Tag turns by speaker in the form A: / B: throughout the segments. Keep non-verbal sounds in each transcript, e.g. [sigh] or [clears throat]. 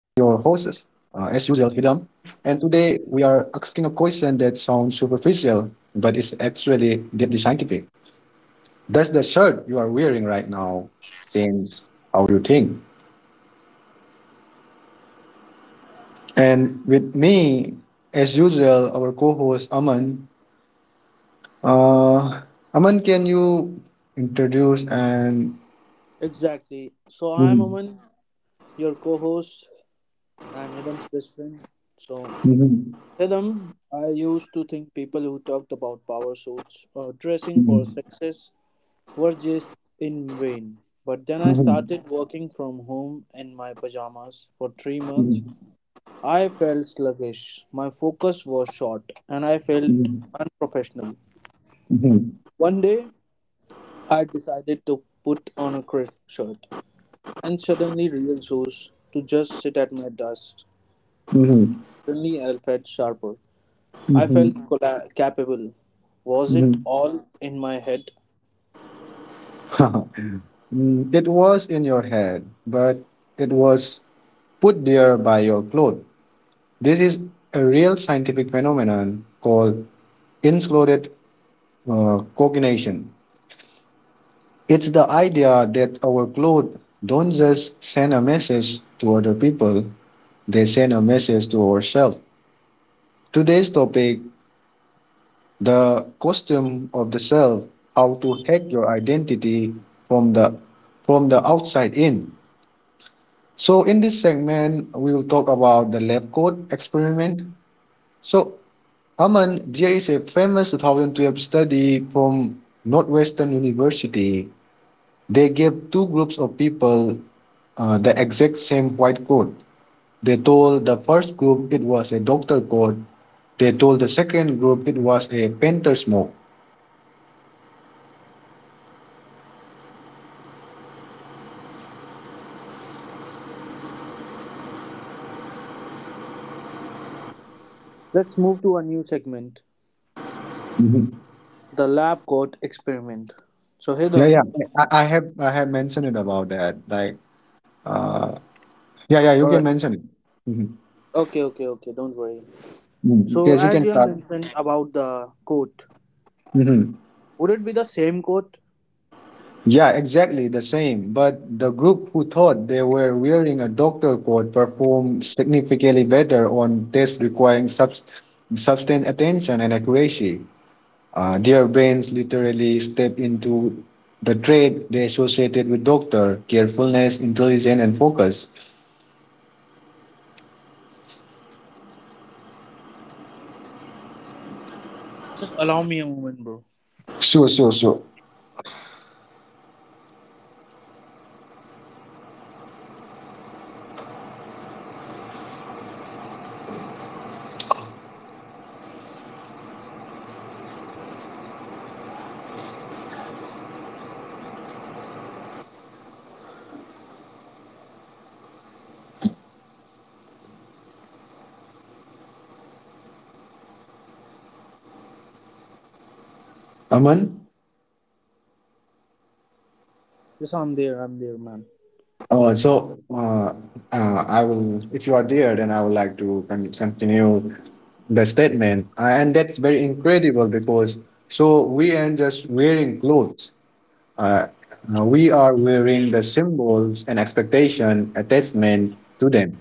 A: And today we are asking a question that sounds superficial, but is actually deeply scientific. Does the shirt you are wearing right now change how you think? And with me, as usual, our co host, Aman. Uh, Aman, can you introduce and.
B: Exactly. So I'm
A: Mhm.
B: Aman, your co-host and Hidam's best friend. So
A: Mhm.
B: Hidam, I used to think people who talked about power suits or
A: [laughs]
B: dressing
A: It
B: for success were just in vain. But then I started working from home in my pajamas for 3 months. I felt sluggish. My focus was short and I felt unprofessional. One day I decided to put on a crisp shirt and suddenly real chose to just sit at my desk. Suddenly I felt sharper. I felt capable. Was it all in my head?
A: was in your head, but it was put there by your cloth. This is a real scientific phenomenon called insulated cognition. It's the idea that our clothes don't just send a message to other people, they send a message to ourselves. Today's topic: the costume of the self, how to hack your identity from the from the outside in. So in this segment, we will talk about the lab coat experiment. So Aman, there is a famous 2012 study from Northwestern University. They gave two groups of people the exact same white coat. They told the first group it was a doctor coat. They told the second group it was a painter's smock.
B: Let's move to a new segment. The lab coat experiment. So
A: Yeah, yeah.
B: Hidam,
A: I have mentioned it about that. Like, uh, yeah, yeah. You can
B: alright.
A: mention it. Mhm.
B: Okay, don't worry.
A: Mm,
B: So
A: yes, you
B: as
A: can
B: you have
A: start.
B: mentioned about the coat,
A: Hmm.
B: would it be the same coat?
A: Yeah, exactly the same. But the group who thought they were wearing a doctor coat performed significantly better on tests requiring substantial attention and accuracy. Their brains literally stepped into the trait they associated with doctor: carefulness, intelligence, and focus.
B: Just allow me a moment, bro.
A: Sure, sure, sure. Aman.
B: Yes, I'm there, man.
A: Uh, so uh, I will, if you are there, then I would like to continue the statement, and that's very incredible because so we aren't just wearing clothes; uh, we are wearing the symbols and expectation attachment to them.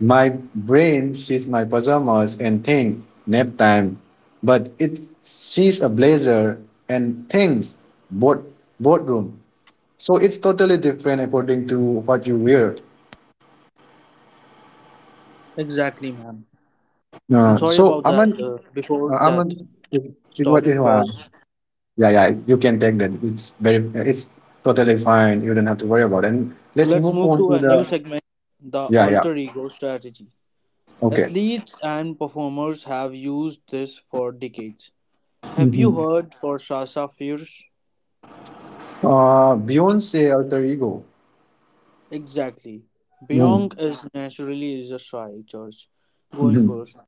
A: My brain sees my pajamas and thinks nap time, but it sees a blazer and thinks board boardroom. So it's totally different according to what you wear.
B: Exactly, ma'am. I'm
A: Uh,
B: sorry about
A: so
B: that.
A: Aman,
B: Before that,
A: Aman, it, it
B: stop,
A: what it, uh,
B: pause.
A: yeah, yeah, you can take that. It's very, it's totally fine. You don't have to worry about it. And
B: So
A: let's
B: let's
A: move
B: move
A: on
B: to
A: to
B: a new
A: the
B: segment, the
A: yeah, yeah.
B: alter ego strategy.
A: Okay.
B: Athletes and performers have used this for decades. Have you
A: Hmm.
B: heard for Sasha Fierce?
A: Beyonce alter ego.
B: Exactly.
A: Mm-hmm.
B: Beyond is naturally is a shy church going
A: Hmm.
B: person.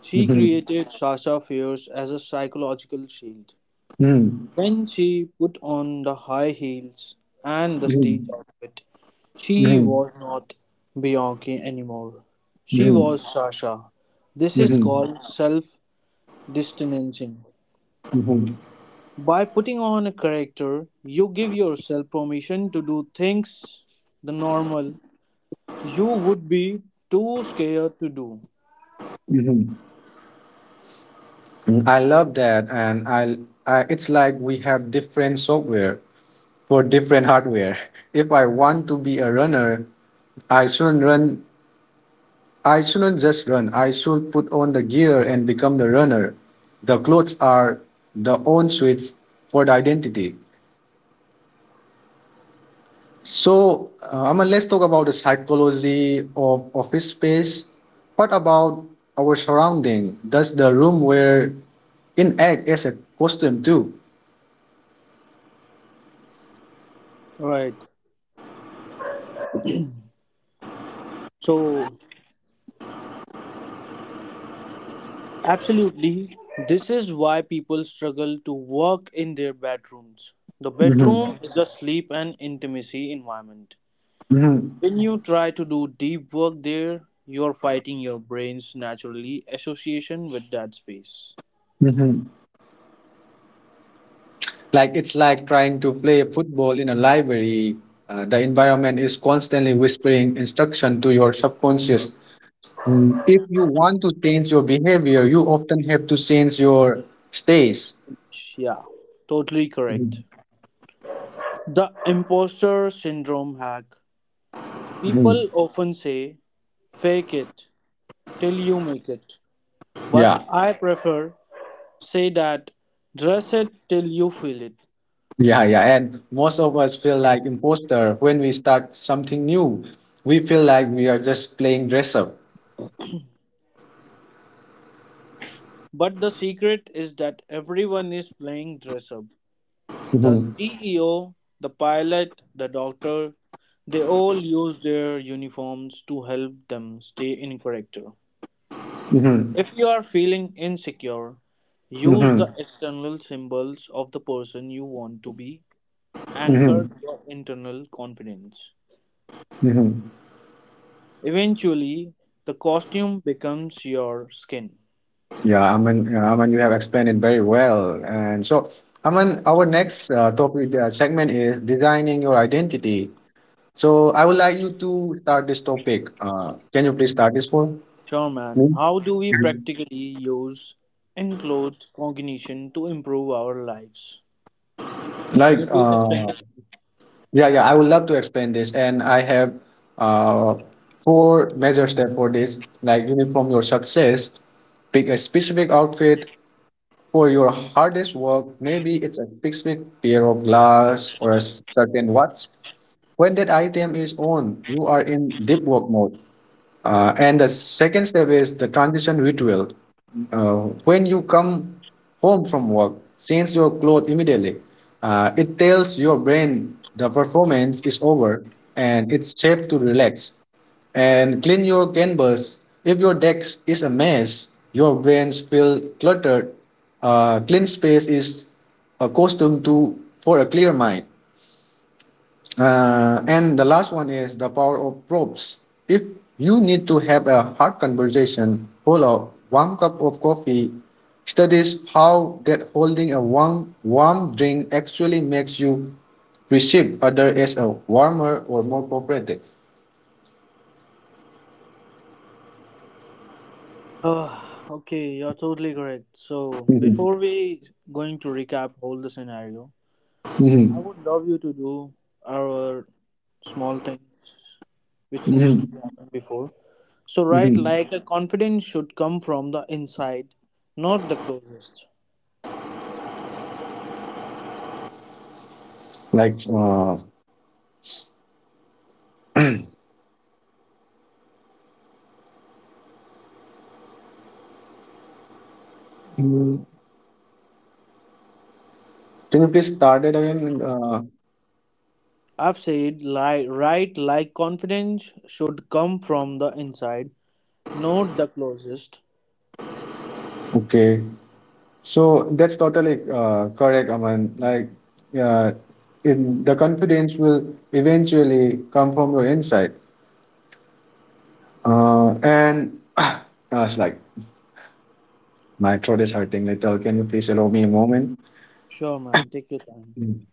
B: She
A: Hmm.
B: created Sasha Fierce as a psychological shield.
A: Hmm.
B: When she put on the high heels and the
A: Hmm.
B: stage outfit, she
A: Hmm.
B: was not Bianca anymore. She
A: Hmm.
B: was Sasha. This is
A: Hmm.
B: called self distancing.
A: Hmm.
B: By putting on a character, you give yourself permission to do things the normal you would be too scared to do.
A: Hmm. I love that, and I. It's like we have different software for different hardware. [laughs] If I want to be a runner, I shouldn't run. I shouldn't just run. I should put on the gear and become the runner. The clothes are the own switch for the identity. So, Aman, let's talk about the psychology of office space. What about our surrounding? Does the room we're in act as a costume too?
B: Right. So Absolutely. This is why people struggle to work in their bedrooms. The
A: Mhm,
B: bedroom is a sleep and intimacy environment.
A: mhm,
B: When you try to do deep work there, you're fighting your brain's naturally association with that space.
A: mhm. Like it's like trying to play football in a library. The environment is constantly whispering instruction to your subconscious. Mm, if you want to change your behavior, you often have to change your stays.
B: Yeah, totally
A: Mhm,
B: correct. The imposter syndrome hack.
A: mhm.
B: People often say, fake it till you make it. But
A: Yeah.
B: I prefer say that, dress it till you feel it.
A: Yeah, yeah. And most of us feel like imposter when we start something new. We feel like we are just playing dress up.
B: But the secret is that everyone is playing dress up. The
A: Hmm.
B: CEO, the pilot, the doctor, they all use their uniforms to help them stay in character.
A: Hmm.
B: If you are feeling insecure, use
A: Hmm.
B: the external symbols of the person you want to be,
A: Hmm.
B: anchor your internal confidence.
A: Hmm.
B: Eventually, the costume becomes your skin.
A: Yeah, Aman, you have explained it very well. And so, Aman, our next topic segment is designing your identity. So, I would like you to start this topic. Can you please start this for
B: Sure, man.
A: me?
B: How do we practically use enclosed cognition to improve our lives? Can you
A: Like,
B: please explain it?
A: yeah, yeah, I would love to explain this. And I have uh, four major steps for this. Like uniform your success, pick a specific outfit for your hardest work. Maybe it's a specific pair of glass or a certain watch. When that item is on, you are in deep work mode. And the second step is the transition ritual uh, when you come home from work, change your clothes immediately. It tells your brain the performance is over and it's safe to relax. And clean your canvas. If your desk is a mess, your brains feel cluttered. Clean space is a costume to for a clear mind. And the last one is the power of probes. If you need to have a hard conversation, hold a warm cup of coffee, studies how that holding a warm, warm drink actually makes you perceive others as a warmer or more cooperative.
B: Uh, okay, you're totally correct. So,
A: Mhm,
B: before we going to recap all the scenario, I
A: mhm,
B: would love you to do our small things which needs
A: mhm,
B: to be happened before. So, right,
A: mhm.
B: like a confidence should come from the inside, not the closest.
A: Like, mm, can you please start it again? Uh,
B: I've said, right, like confidence should come from the inside, not the closest.
A: okay. So that's totally correct, Aman. Like, uh, in the confidence will eventually come from your inside. And [sighs] [clears throat] it's like my throat is hurting little. Can you please allow me a moment?
B: Sure, man. Take your time.
A: Mm.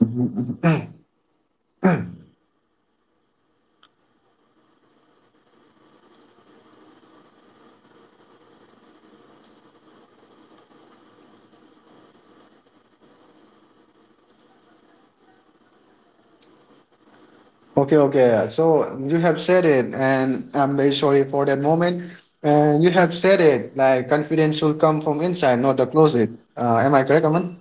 A: Mhm, mhm. Okay, okay. Yeah. So you have said it, and I'm very sorry for that moment. And you have said it, like confidence will come from inside, not the closet. Am I correct, Aman?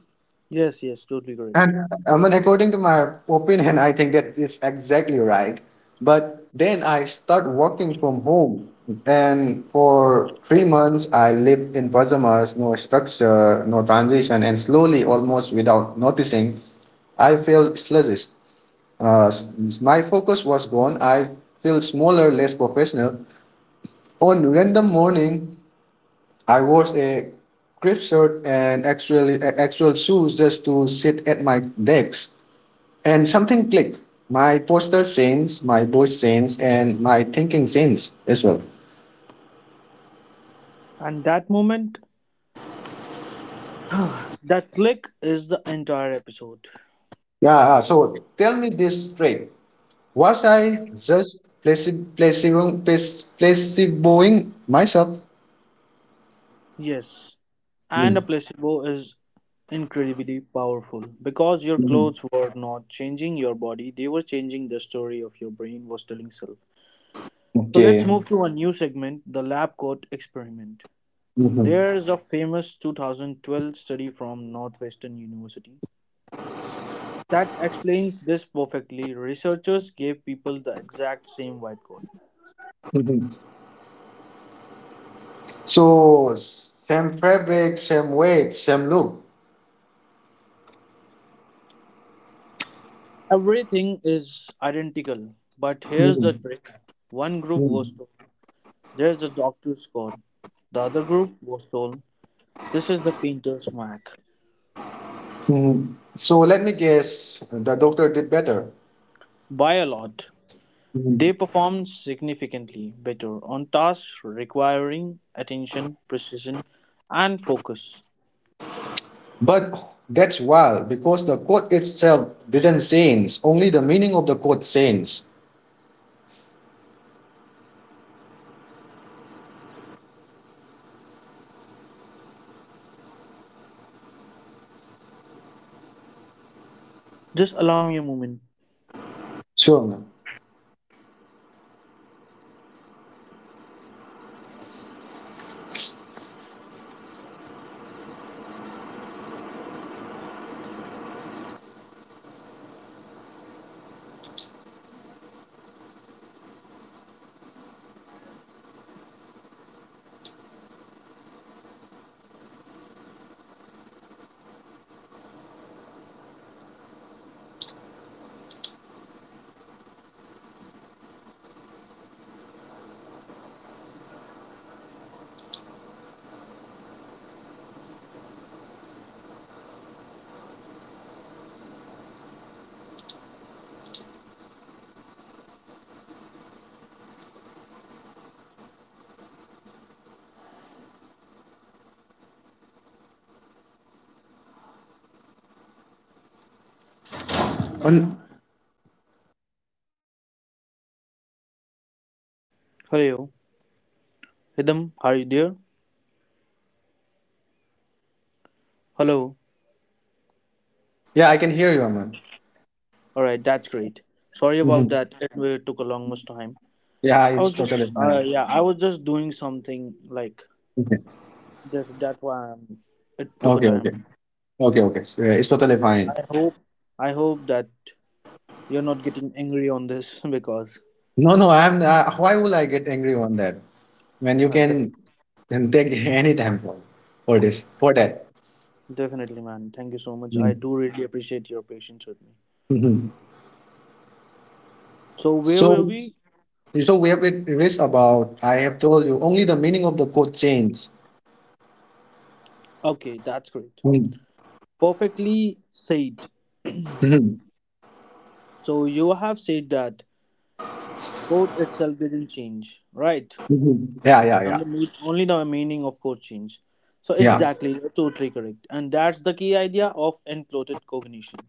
B: Yes, yes, totally correct.
A: And I mean, according to my opinion, I think that is exactly right. But then I start working from home, and for 3 months I lived in pajamas, no structure, no transition, and slowly, almost without noticing, I feel sluggish. Uh, s- my focus was gone. I feel smaller, less professional. On random morning, I wore a crisp shirt and actually actual shoes just to sit at my desk. And something clicked. My posture changed, my voice changed, and my thinking changed as well.
B: And that moment, [sighs] that click is the entire episode.
A: Yeah, so tell me this straight. Was I just placeboing myself?
B: Yes. And
A: Mm.
B: a placebo is incredibly powerful because your
A: Mhm.
B: clothes were not changing your body, they were changing the story of your brain was telling self. So let's
A: Okay.
B: move to a new segment, the lab coat experiment.
A: Mhm.
B: There is a famous 2012 study from Northwestern University that explains this perfectly. Researchers gave people the exact same white coat.
A: Mhm. So, same fabric, same weight, same look.
B: Everything is identical, but here's the
A: Mhm.
B: trick. One group was
A: Mhm.
B: told, there's the doctor's coat. The other group was told, this is the painter's mark.
A: Mhm. So, let me guess the doctor did better.
B: By a lot, they performed significantly better on tasks requiring attention, precision, and focus.
A: But that's wild because the code itself doesn't change, only the meaning of the code changes.
B: Just allow me a moment.
A: Sure, man. Un-
B: Hello, Hidam, are you there? Hello.
A: yeah, I can hear you, man.
B: All right, that's great. Sorry about
A: Hmm.
B: that. It really took a long much time.
A: Yeah,
B: I
A: it's
B: was just,
A: totally fine.
B: yeah, I was just doing something like
A: Okay,
B: this. That's why it took a
A: okay, okay,
B: time.
A: okay. So, yeah, it's totally fine.
B: I hope, I hope that you're not getting angry on this [laughs] because,
A: No, no, I'm. Why will I get angry on that when you
B: yeah, def-
A: can take any time for this for that?
B: definitely, man. Thank you so much. I do really appreciate your patience with me.
A: Mm-hmm.
B: So where were
A: So,
B: we?
A: so we have it reached about. I have told you only the meaning of the code change.
B: Okay, that's great. Perfectly said. [clears throat]
A: Mm-hmm.
B: So you have said that code itself didn't change, right?
A: Mhm.
B: And
A: Yeah,
B: the only the meaning of code change. So
A: yeah.
B: exactly, you're totally correct, and that's the key idea of enclothed cognition.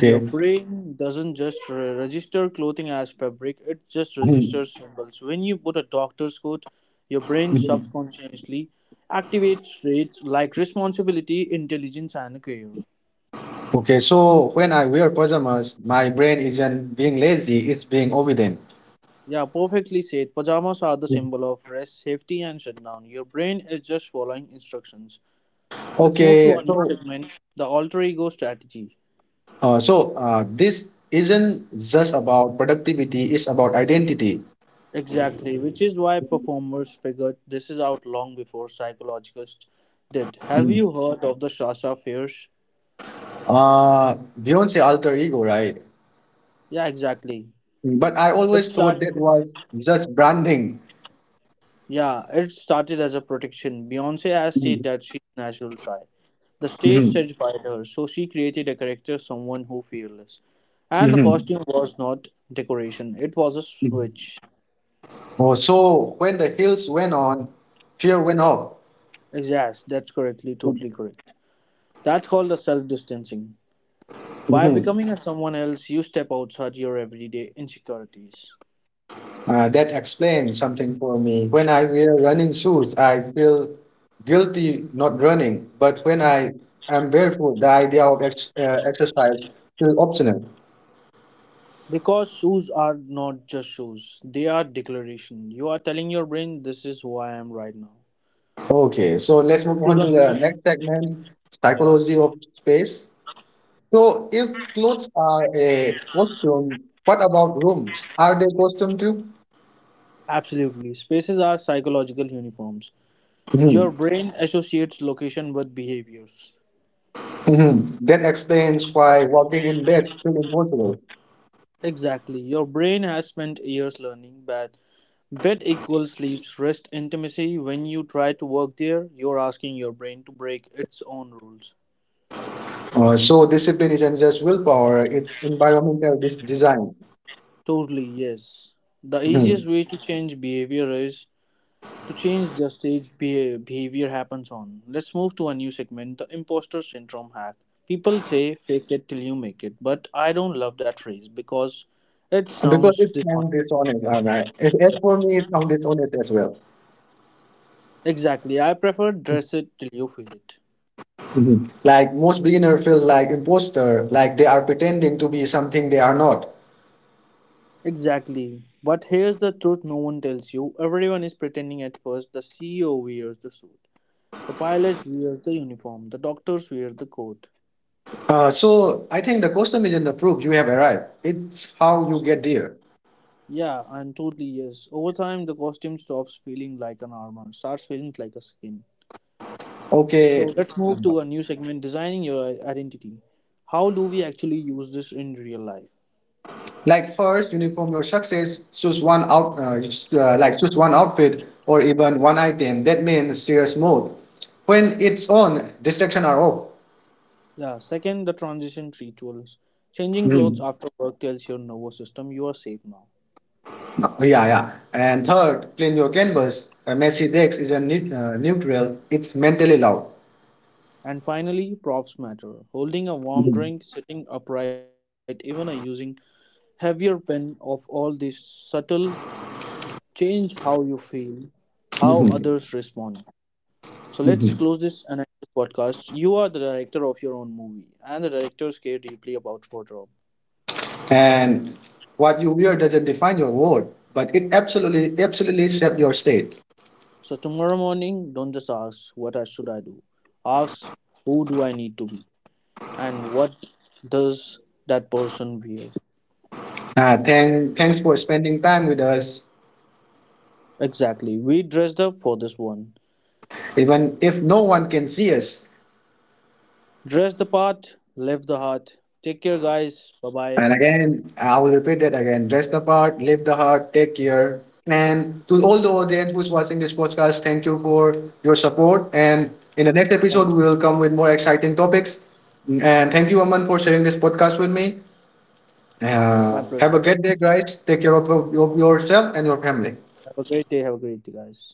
B: Your brain doesn't just register clothing as fabric; it just
A: Mhm.
B: registers symbols. When you put a doctor's coat, your brain
A: Mhm.
B: subconsciously activates traits like responsibility, intelligence, and care.
A: Okay. So when I wear pajamas, my brain isn't being lazy; it's being obedient.
B: Yeah, perfectly said. Pajamas are the
A: Mhm.
B: symbol of rest, safety, and shutdown. Your brain is just following instructions. Let's move to
A: Okay.
B: a new
A: So,
B: segment, the alter ego strategy.
A: uh, so uh, this isn't just about productivity; it's about identity.
B: Exactly, which is why performers figured this is out long before psychologists did. Have
A: Mhm.
B: you heard of the Shasha fears?
A: Beyonce alter ego, right?
B: Yeah, exactly.
A: Mhm. But I
B: It
A: always thought
B: start
A: that was just branding.
B: Yeah, it started as a protection. Beyonce has said
A: Mhm.
B: that she's natural shy. The stage terrified her, so she created a character someone who fearless. And the
A: Mhm.
B: costume was not decoration, it was a
A: Mhm.
B: switch.
A: Oh, so when the heels went on, fear went off.
B: Exact, that's correctly, totally correct. That's called the self distancing. By
A: Mhm.
B: becoming a someone else, you step outside your everyday insecurities.
A: That explains something for me. When I wear running shoes, I feel guilty not running. But when I am barefoot, the idea of exercise feels optional.
B: Because shoes are not just shoes, they are declaration. You are telling your brain, this is who I am right now.
A: Okay, so let's
B: Move
A: move
B: to
A: on
B: the
A: to
B: new.
A: the next segment
B: Yeah,
A: psychology of space. So, if clothes are a costume, what about rooms? Are they costume too?
B: absolutely. Spaces are psychological uniforms.
A: Hmm.
B: Your brain associates location with behaviors.
A: Hmm. That explains why walking in bed feels impossible.
B: Exactly. Your brain has spent years learning that bed equals sleep, rest, intimacy. When you try to work there, you're asking your brain to break its own rules.
A: So discipline isn't just willpower; it's environmental design.
B: Totally, yes. The easiest
A: Mhm.
B: way to change behavior is to change the stage behavior happens on. Let's move to a new segment, the imposter syndrome hack. People say fake it till you make it, but I don't love that phrase because it
A: Because
B: sounds
A: it
B: dishonest.
A: sounds dishonest, all right. As for me, it sounds dishonest as well.
B: Exactly, I prefer dress it till you feel it.
A: Mhm. Like most beginner feel like imposter, like they are pretending to be something they are not.
B: Exactly. But here's the truth no one tells you. Everyone is pretending at first. The CEO wears the suit, the pilot wears the uniform, the doctors wear the coat.
A: So I think the custom isn't the proof you have arrived. It's how you get there.
B: Yeah, and totally yes. Over time, the costume stops feeling like an armor, starts feeling like a skin.
A: Okay,
B: So let's
A: uh,
B: move to a new segment, designing your identity. How do we actually use this in real life?
A: Like first, uniform your success. Choose one out, you like choose one outfit or even one item. That means serious mode. When it's on, distraction are off.
B: Yeah, second, the transition rituals. Changing clothes
A: Mm.
B: after work tells your nervous system you are safe now.
A: Yeah, yeah. And third, clean your canvas. A messy desk is a neutral. It's mentally loud.
B: And finally, props matter. Holding a warm
A: Mhm,
B: drink, sitting upright, even a using heavier pen of all these subtle change how you feel, how
A: mhm,
B: others respond. So let's
A: mhm.
B: close this and end this podcast. You are the director of your own movie, and the directors care deeply about wardrobe.
A: And what you wear doesn't define your world, but it absolutely, absolutely shapes your state.
B: So tomorrow morning, don't just ask what I should I do. Ask who do I need to be, and what does that person wear?
A: Thanks for spending time with us,
B: Exactly. We dressed up for this one.
A: even if no one can see us.
B: Dress the part, live the heart. Take care, guys. Bye
A: And
B: bye.
A: again, I will repeat that again. Dress the part, live the heart, take care. And to all the audience who's watching this podcast, thank you for your support. And
B: Thank
A: in
B: you.
A: the next episode, we will come with more exciting topics. And thank you, Aman, for sharing this podcast with me.
B: My
A: Uh,
B: pleasure.
A: have a great day, guys. Take care of yourself and your family.
B: Have a great day. Have a great day, guys.